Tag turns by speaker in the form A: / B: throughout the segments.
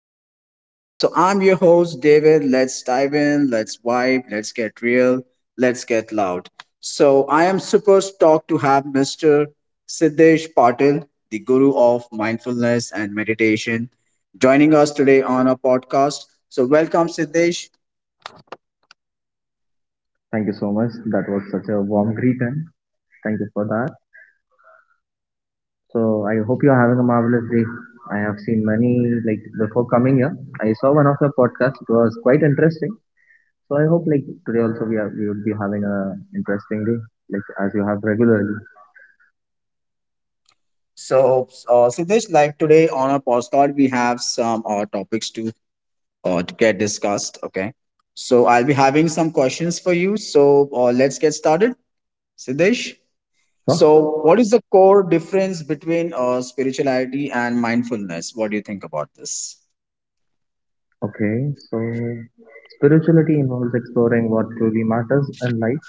A: fans. So I'm your host David. Let's dive in. Let's vibe. Let's get real. Let's get loud. So I am super stoked to have Mr. Siddesh Patil, the guru of mindfulness and meditation, joining us today on a podcast. So welcome, Siddesh.
B: Thank you so much. That was such a warm greet and thank you for that. So I hope you're having a marvelous day. I have seen many before coming here. I saw one of your podcasts. It was quite interesting. So I hope like today also we would be having a interesting day like as you have regularly.
A: So, Siddesh, like today on our podcast, we have some topics to get discussed. Okay. So I'll be having some questions for you. So let's get started, Siddesh. So, what
B: So
A: is the core difference between spirituality and mindfulness? What do you think about this?
B: okay, so spirituality involves exploring what truly matters in life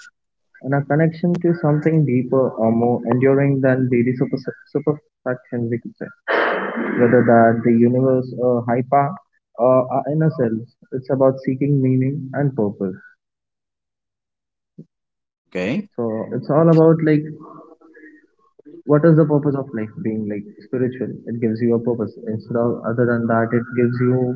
B: and a connection to something deeper or more enduring than daily superfaction we could say. Whether that the universe, hyper, or our inner selves. It's about seeking meaning and purpose.
A: Okay.
B: So it's all about like what is the purpose of life being like spiritual. It gives you a purpose. Instead of other than that, it gives you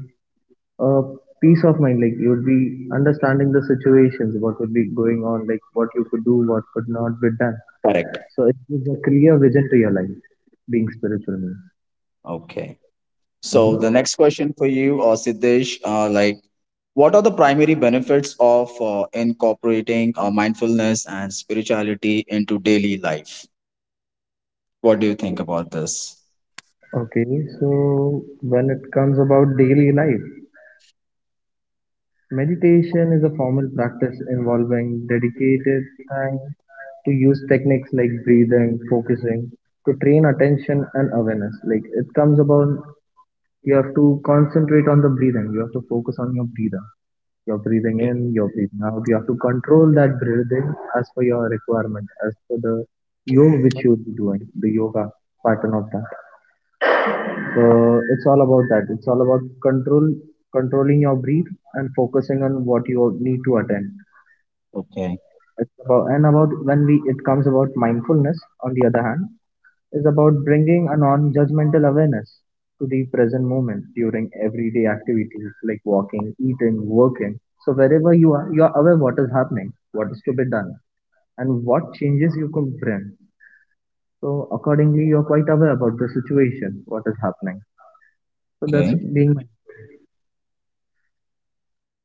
B: a peace of mind. Like you would be understanding the situations, what would be going on, like what you could do, what could not be done.
A: Correct.
B: So it gives a clear vision to your life being spiritual means.
A: Okay. So the
B: Mhm.
A: next question for you, Siddesh, like, what are the primary benefits of incorporating mindfulness and spirituality into daily life? What do you think about this?
B: Okay, so when it comes about daily life. Meditation is a formal practice involving dedicated time to use techniques like breathing, focusing to train attention and awareness. Like it comes about, you have to concentrate on the breathing, you have to focus on your breathing. You're breathing in, you're breathing out. You have to control that breathing as per your requirement, as per the yoga which you'll be doing, the yoga pattern of that. So it's all about that. It's all about control, controlling your breath and focusing on what you need to attend.
A: Okay.
B: It's about and about when we it comes about mindfulness. On the other hand, is about bringing a non-judgmental awareness to the present moment during everyday activities like walking, eating, working. So wherever you are aware what is happening, what is to be done, and what changes you could bring. So accordingly, you are quite aware about the situation, what is happening. So that's
A: Okay.
B: being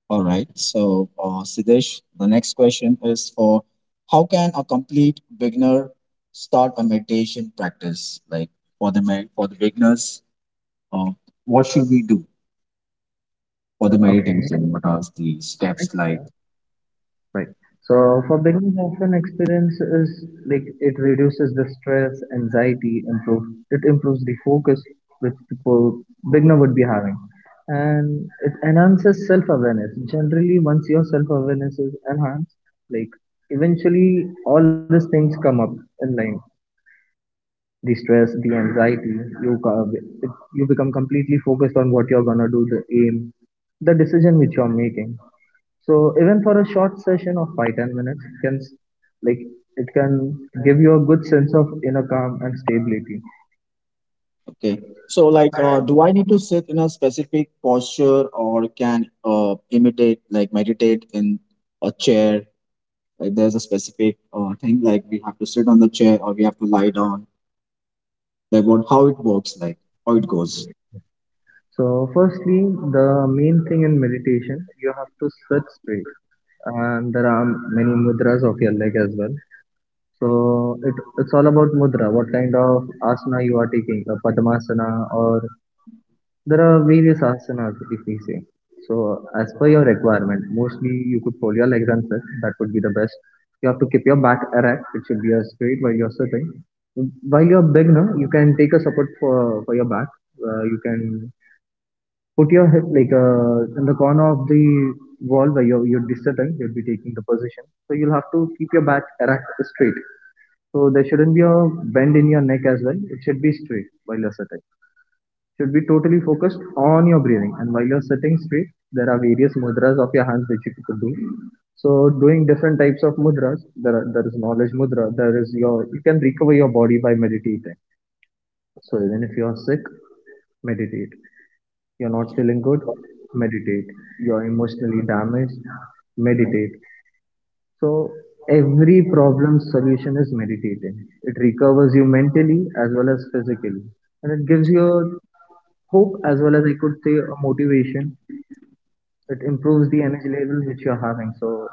A: All right. So, Siddesh, the next question is for how can a complete beginner start a meditation practice? Like for the for the beginners, uh, what should we do for the
B: okay.
A: meditation? What are the steps like?
B: Right. So for beginners, often experience is like it reduces the stress, anxiety, improve it improves the focus which people beginner would be having, and it enhances self awareness. Generally, once your self awareness is enhanced, like eventually all these things come up in line. The stress, the anxiety, you co- it, you become completely focused on what you're gonna do, the aim, the decision which you're making. So even for a short session of 5–10 minutes like it can give you a good sense of inner calm and stability.
A: Okay. So, like, do I need to sit in a specific posture or can imitate, like, meditate in a chair? Like, there's a specific thing, like, we have to sit on the chair or we have to lie down. Like, what, how it works, like, how it goes.
B: So firstly, the main thing in meditation, you have to sit straight, and there are many mudras of your leg as well. So it's all about mudra, what kind of asana you are taking, a padmasana or there are various asanas, if we say. So, as per your requirement, mostly you could fold your legs and sit. That would be the best. You have to keep your back erect. It should be straight while you're sitting. While you're beginner, you can take a support for your back. You can put your hip like in the corner of the wall where you'd be sitting. You'd be taking the position. So you'll have to keep your back erect, straight. So there shouldn't be a bend in your neck as well. It should be straight while you're sitting should be totally focused on your breathing. And while you're sitting straight, there are various mudras of your hands which you could do. So doing different types of mudras, there is knowledge mudra. There is your you can recover your body by meditating. So even if you're sick, meditate. You're not feeling good, meditate. You're emotionally damaged, meditate. So every problem solution is meditating. It recovers you mentally as well as physically, and it gives you hope as well as I could say a motivation. It improves the energy level which you're having. So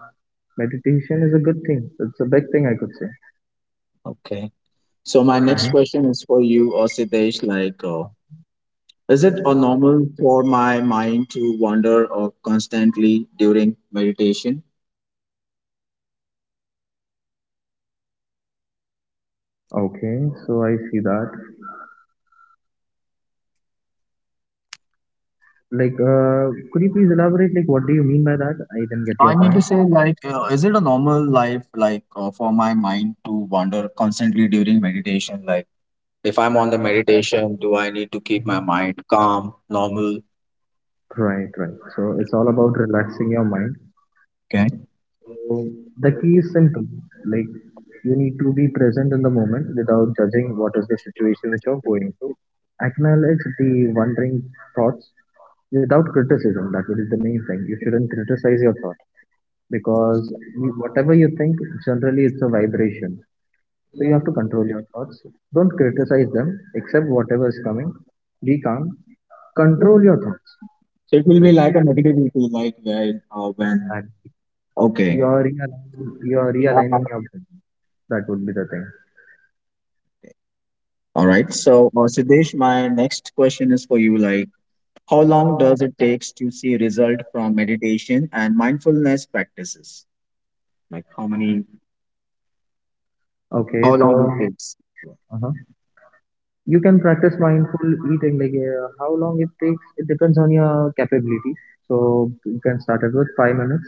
B: meditation is a good thing. It's a big thing I could say.
A: Okay. So my next
B: Mhm.
A: question is for you, Osidesh. Like, is it a normal for my mind to wander or constantly during meditation?
B: Okay, so I see that. Like, could you please elaborate? Like, what do you mean by that? I didn't get your
A: I mean
B: point.
A: to say, like, is it a normal life, like, for my mind to wander constantly during meditation? Like, if I'm on the meditation, do I need to keep my mind calm, normal?
B: Right, right. So it's all about relaxing your mind.
A: Okay.
B: So the key is simple. Like you need to be present in the moment without judging what is the situation which you're going through. Acknowledge the wandering thoughts without criticism. That is the main thing. You shouldn't criticize your thought
A: So
B: because whatever you think, generally it's a vibration. So you have to control your thoughts. Don't criticize them. Accept whatever is coming. Be calm. Control your thoughts.
A: it will be like
B: Like
A: a negativity, like when, when.
B: that.
A: Okay.
B: You're realigning your brain. That would be the thing.
A: All right. So, Siddesh, my next question is for you. Like, how long does it takes to see result from meditation and mindfulness practices? Like, how many?
B: Okay,
A: How long
B: so
A: it takes?
B: uh you can practice mindful eating. Like how long it takes, it depends on your capability. So you can start it with 5 minutes,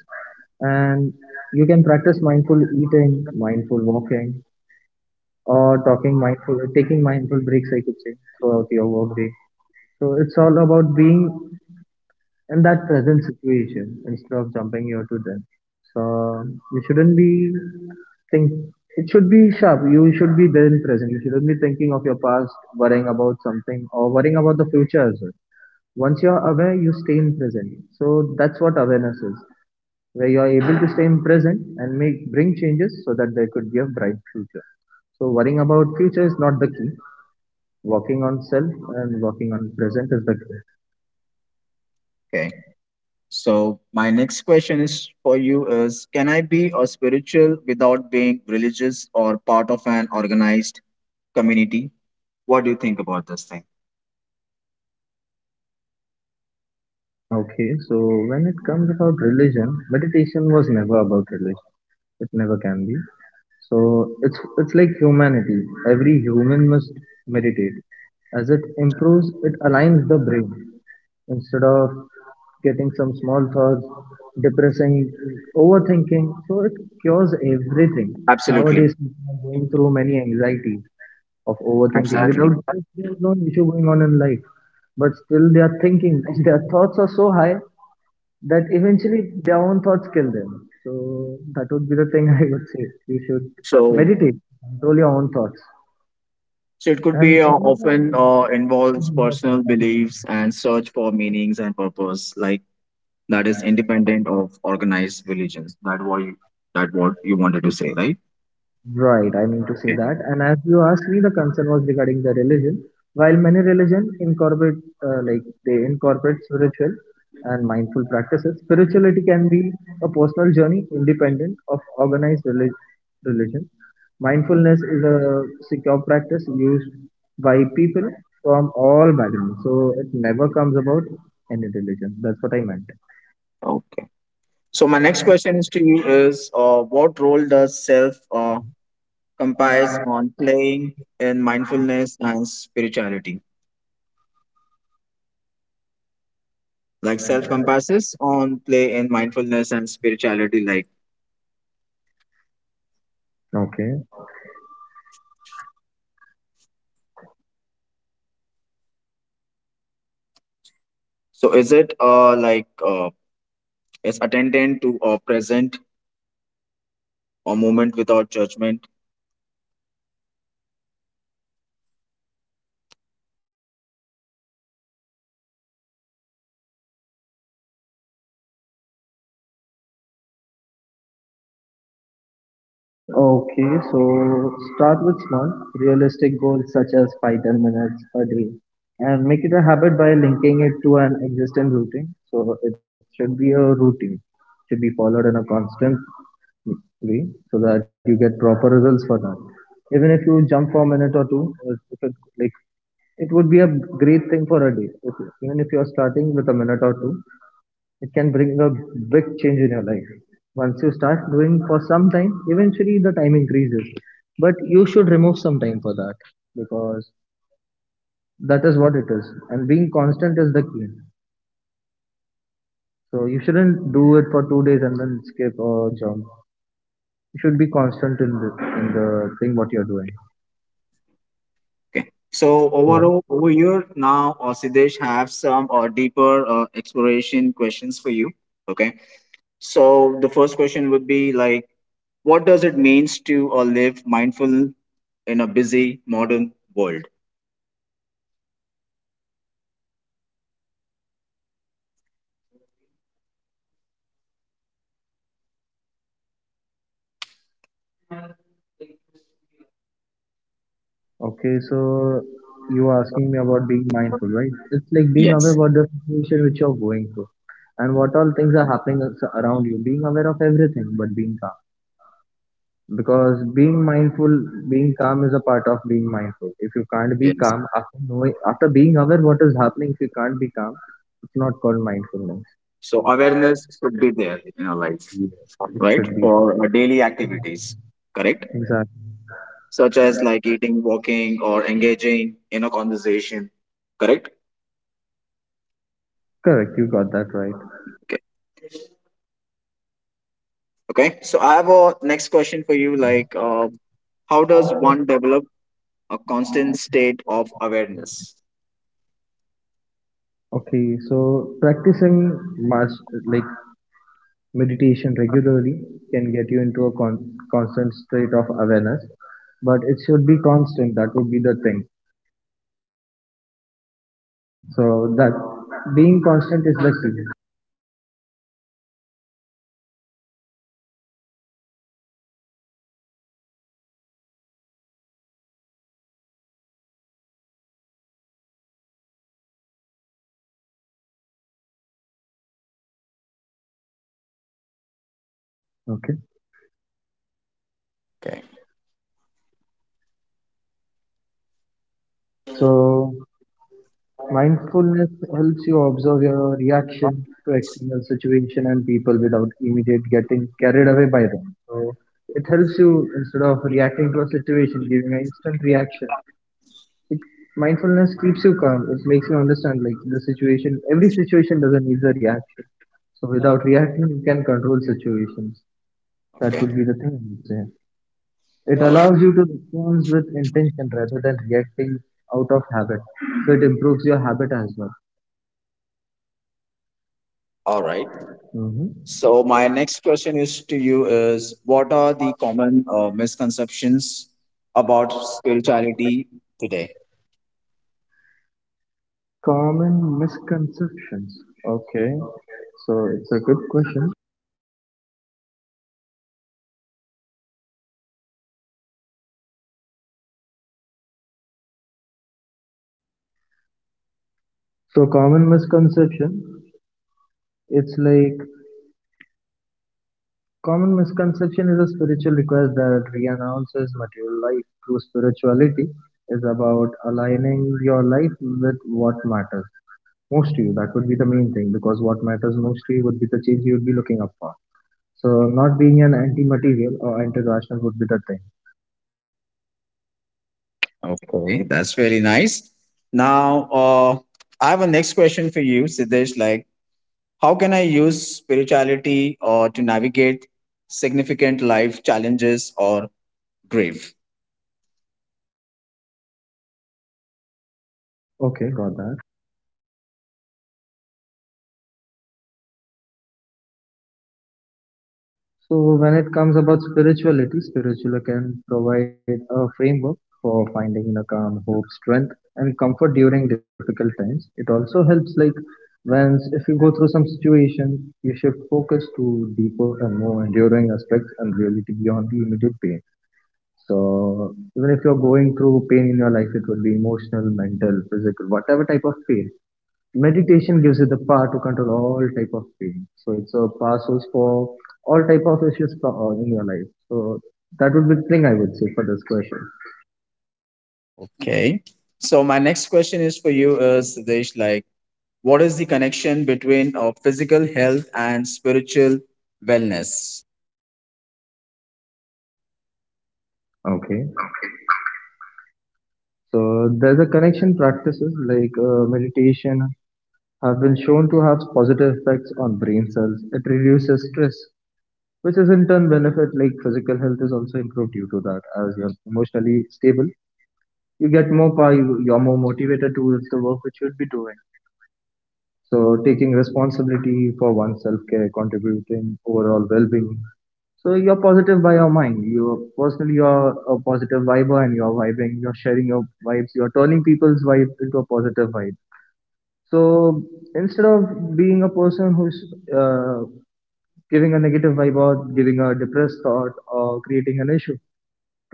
B: and you can practice mindful eating, mindful walking, or talking mindful, taking mindful breaks. I could say throughout your workday. So it's all about being in that present situation instead of jumping here to them. So you shouldn't be think it should be sharp. You should be there in present. You shouldn't be thinking of your past, worrying about something or worrying about the future as well. Once you're aware, you stay in present. So that's what awareness is, where you're able to stay in present and make bring changes so that there could be a bright future. So worrying about future is not the key. Working on self and working on present is the key.
A: Okay. So, my next question is for you: Is can I be a spiritual without being religious or part of an organized community? What do you think about this thing?
B: Okay, so when it comes about religion, meditation was never about religion. It never can be. So it's like humanity. Every human must meditate. As it improves, it aligns the brain. Instead of getting some small thoughts, depressing, overthinking, so it cures everything.
A: Absolutely.
B: Nowadays, people are going through many anxieties of overthinking.
A: Absolutely.
B: Without this, there's no issue going on in life but still they are thinking their thoughts are so high that eventually their own thoughts kill them. So that would be the thing I would say. You should
A: So,
B: meditate, control your own thoughts,
A: so it could
B: and.
A: be often involves personal beliefs and search for meanings and purpose, like that is independent of organized religions. That what you wanted to say, right?
B: Right, I mean to say that. And as you asked me, the concern was regarding the religion. While many religion incorporate, they incorporate spiritual and mindful practices, spirituality can be a personal journey independent of organized religion. Mindfulness is a secure practice used by people from all backgrounds, so it never comes about any religion. That's what I meant.
A: Okay. So my next question is to you is, what role does self compass on playing in mindfulness and spirituality? Like self compasses on play in mindfulness and spirituality, like, so is it like is attendant to present or moment without judgment.
B: Okay, so start with small, realistic goals such as 5–10 minutes a day and make it a habit by linking it to an existing routine. So it should be a routine, should be followed in a constant way so that you get proper results for that. Even if you jump for a minute or two, if it, like it would be a great thing for a day. If, even if you are starting with a minute or two, it can bring a big change in your life. Once you start doing for some time, eventually the time increases. But you should remove some time for that because that is what it is. And being constant is the key. So you shouldn't do it for 2 days and then skip or jump. You should be constant in in the thing what you're doing.
A: Okay, so
B: Mhm.
A: overall over here now, Siddesh have some deeper exploration questions for you. Okay, so the first question would be like, what does it means to live mindful in a busy modern world?
B: Okay, so you are asking me about being mindful, right? It's like being aware
A: Yes.
B: about the situation which you're going through and what all things are happening around you. Being aware of everything, but being because being mindful being calm is a part of being mindful if you can't be
A: Yes.
B: calm after knowing after being aware what is happening if you can't be calm it's not called mindfulness.
A: So awareness should be there in our life,
B: Yeah. It
A: right?
B: should be.
A: For our daily activities, correct?
B: Exactly.
A: Such as like eating, walking, or engaging in a conversation, correct?
B: Correct, you got that right.
A: Okay. Okay. So I have a next question for you. Like, how does one develop a constant state of awareness?
B: Okay, so practicing mas like meditation regularly can get you into a constant state of awareness but it should be constant, that would be the thing. So that being constant is the key. Okay,
A: Okay.
B: so mindfulness helps you observe your reaction to external situation and people without immediate getting carried away by them. So it helps you instead of reacting to a situation, giving an instant reaction. It, mindfulness keeps you calm. It makes you understand like the situation. Every situation doesn't need a reaction. So without reacting, you can control situations. That
A: Okay.
B: would be the thing. I would say. It
A: All
B: allows you to respond with intention rather than reacting out of habit. So it improves your habit as well.
A: All right.
B: Hmm.
A: So my next question is to you is what are the common misconceptions about spirituality today?
B: Common misconceptions. Okay, so it's a good question. So common misconception, it's like common misconception is a spiritual request that renounces material life. True spirituality is about aligning your life with what matters most to you. That would be the main thing because what matters most to you would be the change you would be looking up for. So not being an anti-material or anti-rational would be the thing.
A: Okay, that's very nice. Now, I have a next question for you, Siddesh. Like, how can I use spirituality to navigate significant life challenges or grief?
B: Okay, got that. So, when it comes about spirituality, spiritual can provide a framework for finding inner calm, hope, strength, and comfort during difficult times. It also helps, when if you go through some situation, you shift focus to deeper and more enduring aspects and reality beyond the immediate pain. So, even if you're going through pain in your life, it would be emotional, mental, physical, whatever type of pain, meditation gives you the power to control all type of pain. So it's a power source for all type of issues for, in your life. So that would be the thing I would say for this question.
A: Okay. So my next question is for you, Siddesh. Like, what is the connection between physical health and spiritual wellness?
B: Okay, so there's a connection. Practices like meditation have been shown to have positive effects on brain cells. It reduces stress, which is in turn benefit, like physical health is also improved due to that. As you're emotionally stable, you get more power, you're more motivated towards the work which you'd be doing. So taking responsibility for one's self-care, contributing overall well-being. So you're positive by your mind. You're personally, you're a positive viber and you're vibing, you're sharing your vibes, you're turning people's vibe into a positive vibe. So instead of being a person who's uh, giving a negative vibe or giving a depressed thought or creating an issue,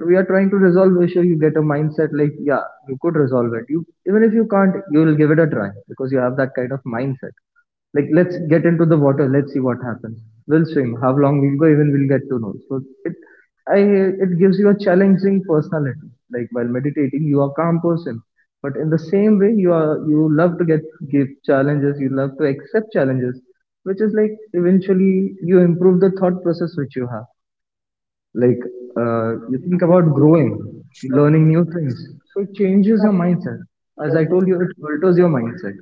B: we are trying to resolve the issue. You get a mindset like, yeah, you could resolve it. You, even if you can't, you will give it a try because you have that kind of mindset, like let's get into the water, let's see what happens, we'll swim how long we go, even we'll get to know. So it i it gives you a challenging personality. Like, while meditating, you are a calm person, but in the same way you are, you love to get give challenges, you love to accept challenges, which is like, eventually you improve the thought process which you have. Like, you think about growing, learning new things. So it changes your mindset. As I told you, it alters your mindset.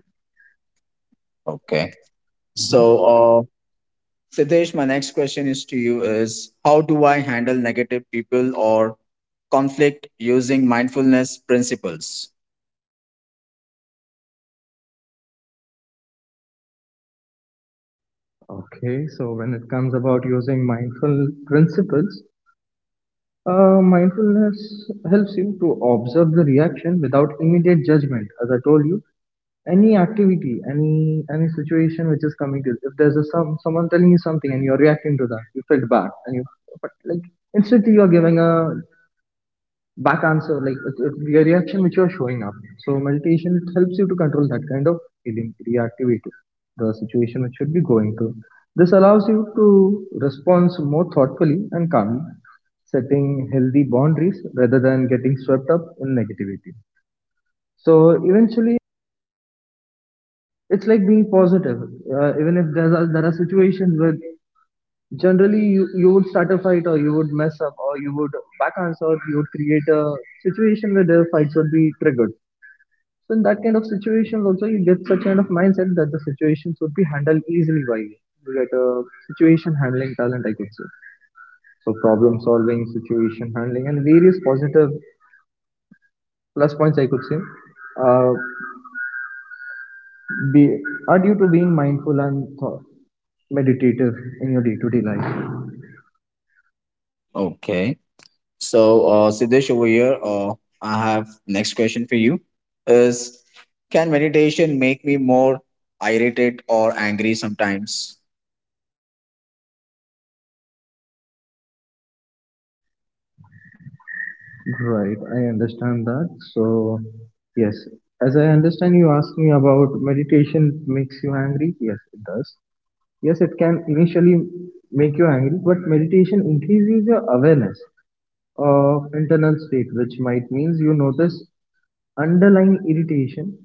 A: Okay.
B: Mhm.
A: So, Siddesh, my next question is to you is how do I handle negative people or conflict using mindfulness principles?
B: Okay, so when it comes about using mindful principles, mindfulness helps you to observe the reaction without immediate judgment. As I told you, any activity, any situation which is coming to you, if there's a someone telling you something and you're reacting to that, you felt bad, and you, but like, instantly you're giving a back answer. Like, it's the reaction which you're showing up. So meditation, it helps you to control that kind of feeling reactivity, the situation which should be going to. This allows you to respond more thoughtfully and calmly, setting healthy boundaries rather than getting swept up in negativity. So eventually, it's like being positive. Even if there are situations where generally you would start a fight or you would mess up or you would back answer or you would create a situation where the fights would be triggered. So in that kind of situations also, you get such kind of mindset that the situations would be handled easily by you. You get a situation handling talent, I could say. So problem solving, situation handling, and various positive plus points I could say, uh, be are due to being mindful and meditative in your day-to-day life.
A: Okay. So, Siddesh, over here, I have next question for you: Is can meditation make me more irritated or angry sometimes?
B: Right, I understand that. So yes, as I understand, you asked me about meditation makes you angry. Yes, it does. Yes, it can initially make you angry, but meditation increases your awareness of internal state, which might means you notice underlying irritation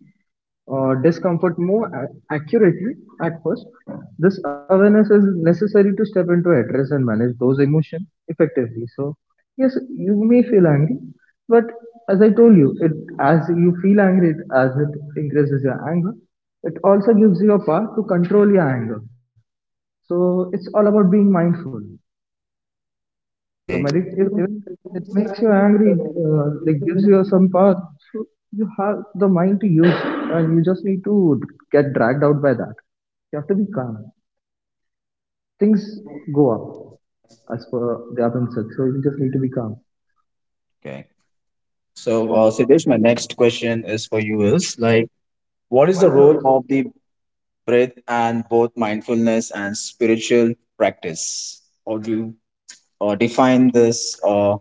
B: or discomfort more accurately at first. This awareness is necessary to step into address and manage those emotions effectively. So yes, you may feel angry, but as I told you, it as you feel angry, it, as it increases your anger, it also gives you a power to control your anger. So it's all about being mindful. So
A: Okay.
B: if, even if it makes you angry, like gives you some power. So you have the mind to use, and you just need to get dragged out by that. You have to be calm. Things go up as per they have been said. So you just need to be calm.
A: Okay. So, Siddesh, my next question is for you: Is like, what is the role of the breath and both mindfulness and spiritual practice? How do you define this?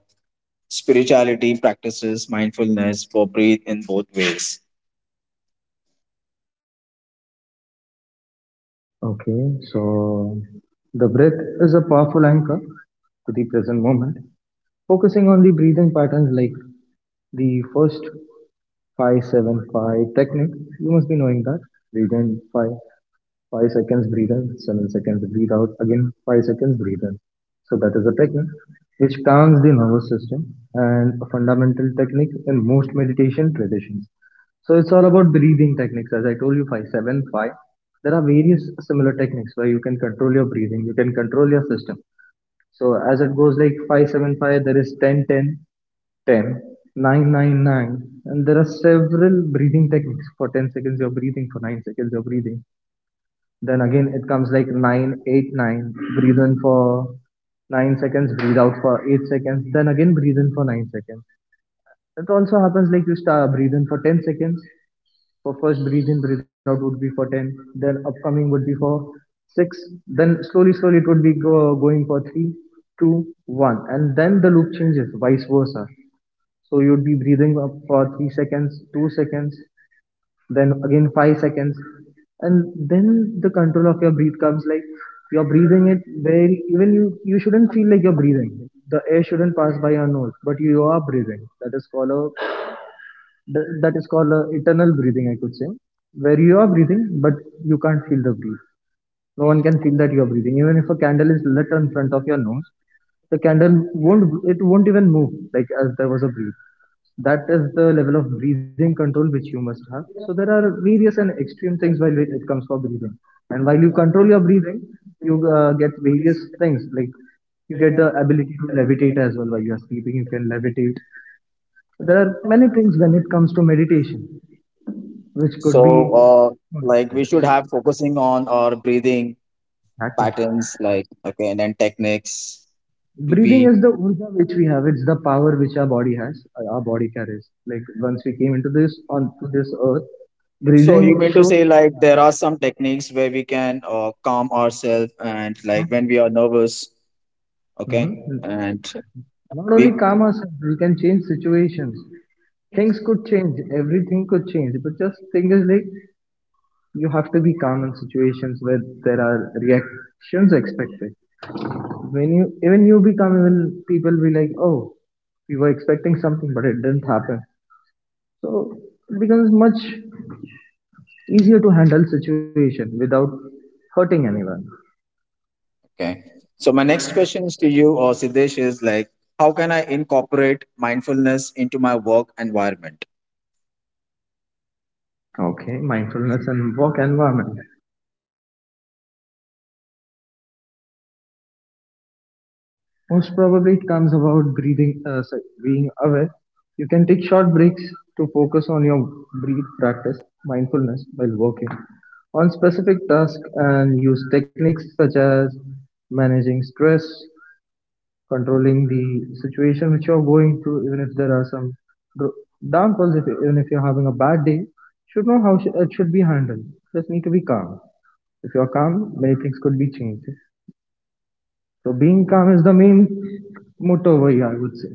A: Spirituality practices mindfulness for breathe in both ways.
B: Okay, so the breath is a powerful anchor to the present moment. Focusing on the breathing patterns like the first 5-7-5 technique, you must be knowing that. Breathe in 5, 5 seconds breathe in, 7 seconds breathe out, again 5 seconds breathe in. So that is a technique which calms the nervous system and a fundamental technique in most meditation traditions. So it's all about breathing techniques. As I told you, five, seven, five. There are various similar techniques where you can control your breathing, you can control your system. So as it goes like five, seven, five, there is ten, ten, ten, nine, nine, nine. And there are several breathing techniques. For 10 seconds, you're breathing. For 9 seconds, you're breathing. Then again, it comes like 9, 8, 9. Breathe in for 9 seconds, breathe out for 8 seconds. Then again, breathe in for 9 seconds. It also happens like you start breathe in for 10 seconds. For first breathe in, breathe out would be for 10. Then upcoming would be for 6. Then slowly, slowly it would be going for three, two, one. And then the loop changes, vice versa. So you'd be breathing up for 3 seconds, 2 seconds, then again 5 seconds, and then the control of your breath comes. Like, you're breathing it very even, you shouldn't feel like you're breathing, the air shouldn't pass by your nose, but you are breathing. That is called a, that is called a eternal breathing, I could say, where you are breathing but you can't feel the breath. No one can feel that you are breathing, even if a candle is lit in front of your nose, the candle won't it won't even move, like as there was a breeze. That is the level of breathing control which you must have. So there are various and extreme things while it comes for breathing. And while you control your breathing, you get various things. Like, you get the ability to levitate as well. While you are sleeping, you can levitate. There are many things when it comes to meditation which
A: So,
B: could be,
A: like we should have focusing on our breathing
B: exactly,
A: patterns, like again, and techniques to
B: breathing
A: be.
B: is the urja which we have. It's the power which our body has, our body carries. Like, once we came into this onto this earth,
A: So
B: breathing
A: you mean to
B: shows.
A: say like there are some techniques where we can calm ourselves and like when we are nervous, okay,
B: Hmm.
A: and
B: Not only
A: we.
B: calm ourselves, we can change situations. Things could change, everything could change, but just thing is like, you have to be calm in situations where there are reactions expected. When you, even you become even, people be like, oh, we were expecting something but it didn't happen. So it becomes much easier to handle situation without hurting anyone.
A: Okay. So my next question is to you, or Siddesh, is like, how can I incorporate mindfulness into my work environment?
B: Okay, mindfulness and work environment. Most probably it comes about breathing, sorry, being aware. You can take short breaks to focus on your breath, practice mindfulness while working on specific tasks, and use techniques such as managing stress, controlling the situation which you're going through. Even if there are some dro- downfalls, if, even if you're having a bad day, should know how it should be handled. Just need to be calm. If you're calm, many things could be changed. So being calm is the main motto over here, I would say.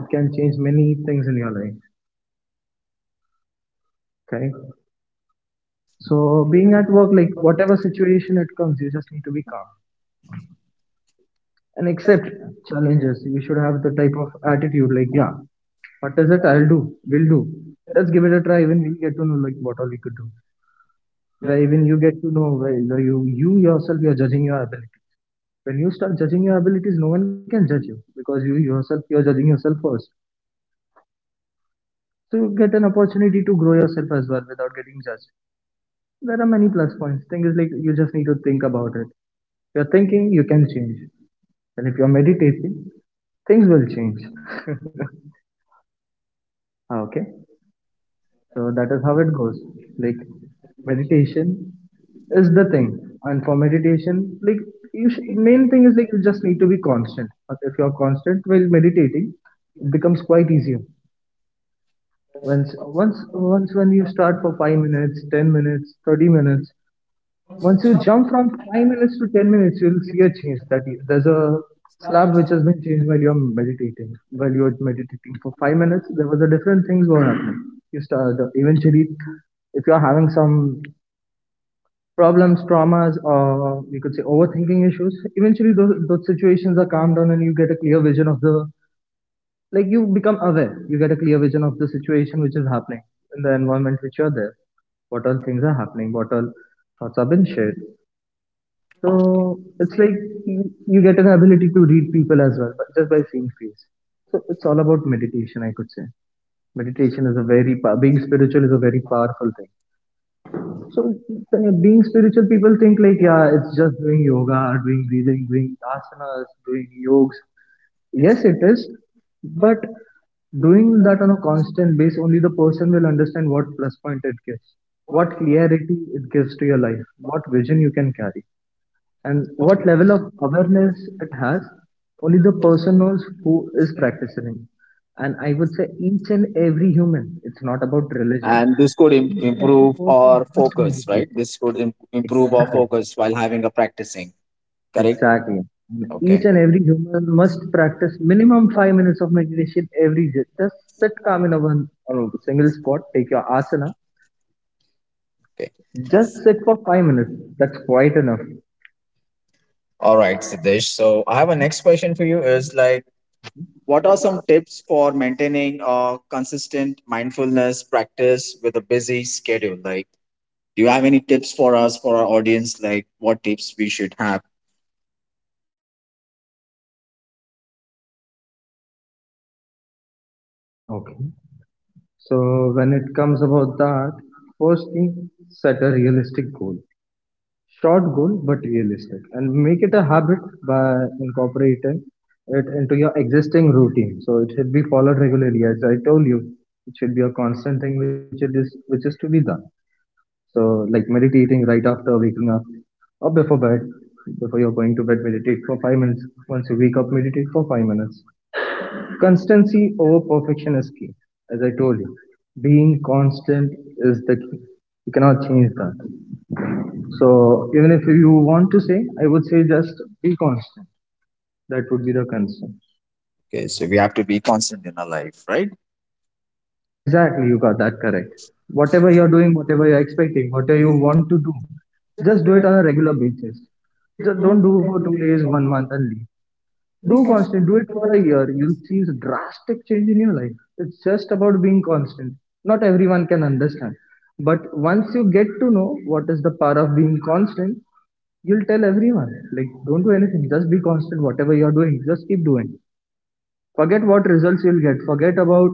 B: It can change many things in your life. Okay. So being at work, like whatever situation it comes, you just need to be calm and accept challenges. You should have the type of attitude like, yeah, what is it? I'll do. We'll do. Let's give it a try. Even we'll get to know like what all we could do. Where even you get to know where, you know, you yourself, you're judging your ability. When you start judging your abilities, no one can judge you because you yourself, you're judging yourself first. So you get an opportunity to grow yourself as well without getting judged. There are many plus points. Thing is like, you just need to think about it. If you're thinking, you can change. And if you're meditating, things will change. Okay. So that is how it goes. Like, meditation is the thing, and for meditation, like, you main thing is like, you just need to be constant. But if you're constant while meditating, it becomes quite easier. Once when you start for 5 minutes, 10 minutes, 30 minutes, once you jump from 5 minutes to 10 minutes, you'll see a change. That you, there's a slab which has been changed while you're meditating. While you're meditating for 5 minutes, there was a different things were happening. You eventually, if you're having some problems, traumas, or we could say overthinking issues, eventually those situations are calmed down, and you get a clear vision of the like you become aware. You get a clear vision of the situation which is happening in the environment which you're there. What all things are happening? What all thoughts have been shared?
A: Okay.
B: So it's like you get an ability to read people as well, but just by seeing face. So it's all about meditation, I could say. Meditation is a very being spiritual is a very powerful thing. Being spiritual, people think like, yeah, it's just doing yoga, doing breathing, doing asanas, doing yogs. Yes, it is, but doing that on a constant base, only the person will understand what plus point it gives, what clarity it gives to your life, what vision you can carry, and what level of awareness it has, only the person knows who is practicing. And I would say each and every human, it's not about religion,
A: And this could
B: each and every
A: improve
B: person
A: our
B: must
A: focus, right?
B: meditate.
A: This could improve our
B: Exactly,
A: focus while having a practicing, correct?
B: exactly. And
A: Okay.
B: each and every human must practice minimum 5 minutes of meditation every day. Just sit calm in a one on a single spot, take your asana,
A: Okay.
B: just sit for 5 minutes. That's quite enough.
A: All right, Siddesh. So I have a next question for you is like, what are some tips for maintaining a consistent mindfulness practice with a busy schedule? Like, do you have any tips for us, for our audience? Like, what tips we should have?
B: Okay. So when it comes about that, first thing, set a realistic goal. Short goal, but realistic. And make it a habit by incorporating it into your existing routine. So it should be followed regularly. As I told you, it should be a constant thing which is to be done. So like meditating right after waking up or before bed. Before you're going to bed, meditate for 5 minutes. Once you wake up, meditate for 5 minutes. Constancy over perfection is key. As I told you, being constant is the key. You cannot change that. So even if you want to say, I would say just be constant. That would be the constant.
A: Okay, so we have to be constant in our life, right?
B: Exactly, you got that correct. Whatever you're doing, whatever you're expecting, whatever you want to do, just do it on a regular basis. Just don't do for two days, one month, and leave. Do constant. Do it for a year. You'll see a drastic change in your life. It's just about being constant. Not everyone can understand. But once you get to know what is the power of being constant, you'll tell everyone. Like, don't do anything. Just be constant. Whatever you're doing, just keep doing. Forget what results you'll get. Forget about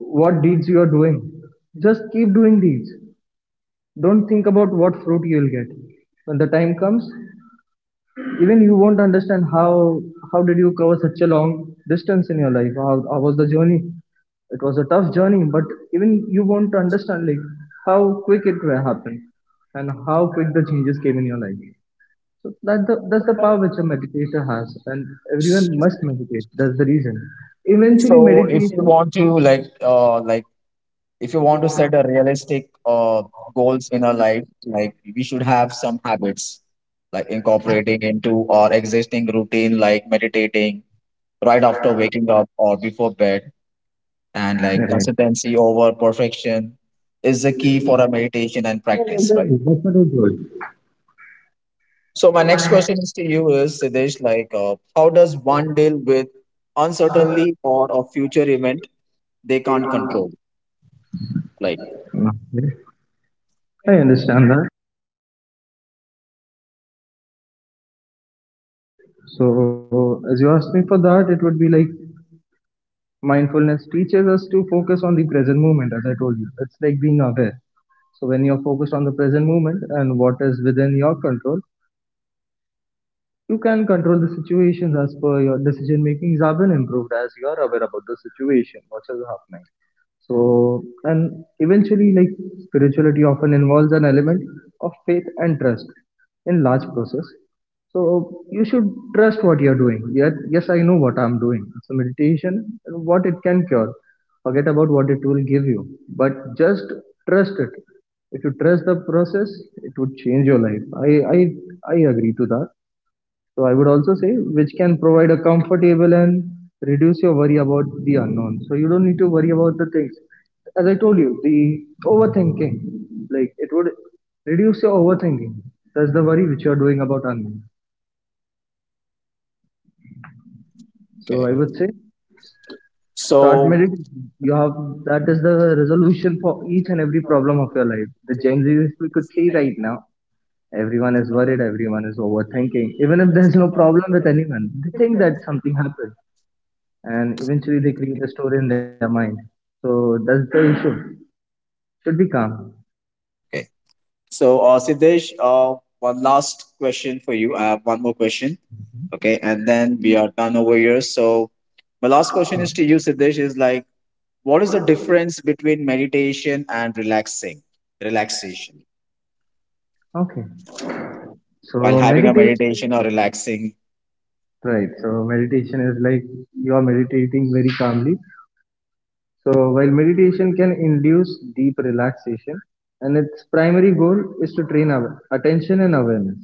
B: what deeds you're doing. Just keep doing deeds. Don't think about what fruit you'll get. When the time comes, even you won't understand how did you cover such a long distance in your life. How was the journey? It was a tough journey, but even you won't understand like how quick happened, and how quick the changes came in your life. So that's the power which a meditator has, and everyone must meditate. That's the reason, eventually,
A: So if you
B: meditation.
A: want to like if you want to set a realistic goals in our life, like we should have some habits like incorporating into our existing routine, like meditating right after waking up or before bed, and like
B: Correct.
A: consistency over perfection is the key for a meditation and
B: Yeah,
A: practice, right?
B: exactly. That's what I told.
A: So my next question is to you is Siddesh, like, how does one deal with uncertainty or a future event they can't control, like,
B: Okay. I understand that. So, as you asked me for that, it would be like mindfulness teaches us to focus on the present moment. As I told you, it's like being aware. So when you're focused on the present moment and what is within your control, you can control the situations, as per your decision making is have been improved, as you are aware about the situation what is happening. So, and eventually, like, spirituality often involves an element of faith and trust in large process. So you should trust what you're doing. Yet, yes, I know what I'm doing. It's a meditation and what it can cure. Forget about what it will give you, but just trust it. If you trust the process, it would change your life. I agree to that. So I would also say, which can provide a comfortable and reduce your worry about the unknown. So you don't need to worry about the things. As I told you, the overthinking, like it would reduce your overthinking. That's the worry which you are doing about unknown. So
A: uh,
B: I would say start
A: so
B: meditating. You have that is the resolution for each and every problem of your life. The Gen Zs we could see right now. Everyone is worried, everyone is overthinking. Even if there's no problem with anyone, they think that something happened, and eventually they create a story in their mind. So that's the issue. Should be calm.
A: okay. So, Siddesh, one last question for you. I have one more question. Okay, and then we are done over here. So, my last question is to you, Siddesh. Is like, what is the difference between meditation and relaxing? Relaxation
B: Okay. So
A: while having a
B: meditation,
A: meditation or relaxing.
B: right? So meditation is like you are meditating very calmly. So while meditation can induce deep relaxation, and its primary goal is to train our attention and awareness,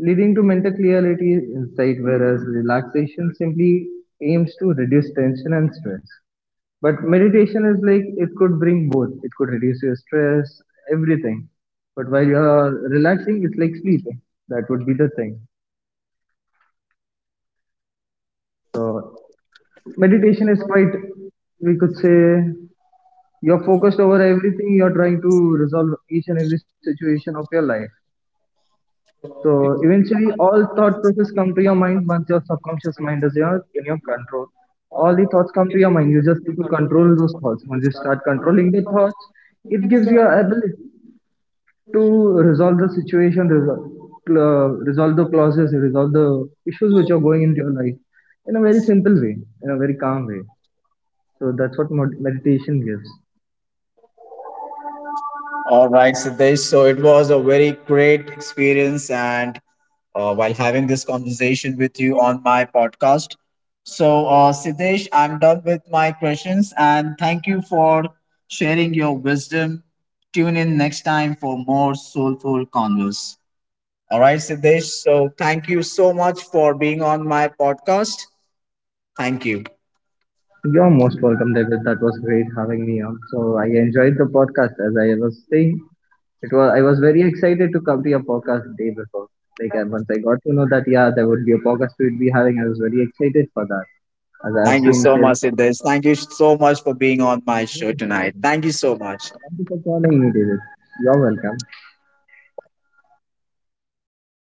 B: leading to mental clarity insight. Whereas relaxation simply aims to reduce tension and stress. But meditation is like it could bring both. It could reduce your stress, everything. But while you're relaxing, it's like sleeping. That would be the thing. So meditation is quite, we could say, you're focused over everything. You're trying to resolve each and every situation of your life. So eventually, all thought process come to your mind once your subconscious mind is yours in your control. All the thoughts come to your mind. You just need to control those thoughts. Once you start controlling the thoughts, it gives you ability to resolve the situation, resolve, resolve the clauses, resolve the issues which are going in your life, in a very simple way, in a very calm way. So that's what meditation gives.
A: All right, Siddesh. So it was a very great experience, and while having this conversation with you on my podcast. So, Siddesh, I'm done with my questions and thank you for sharing your wisdom. Tune in next time for more soulful converse. All right, Siddesh. So, thank you so much for being on my podcast. Thank you.
B: You're most welcome, David. That was great having me on. So I enjoyed the podcast, as I was saying. It was I was very excited to come to your podcast the day before. Like, and once I got to know that yeah, there would be a podcast we'd be having, I was very excited for that. As I have
A: Thank you
B: seen,
A: so
B: say,
A: much, Siddesh. Thank you so much for being on my show tonight. Thank you so much.
B: thank you for calling me, David. You're welcome.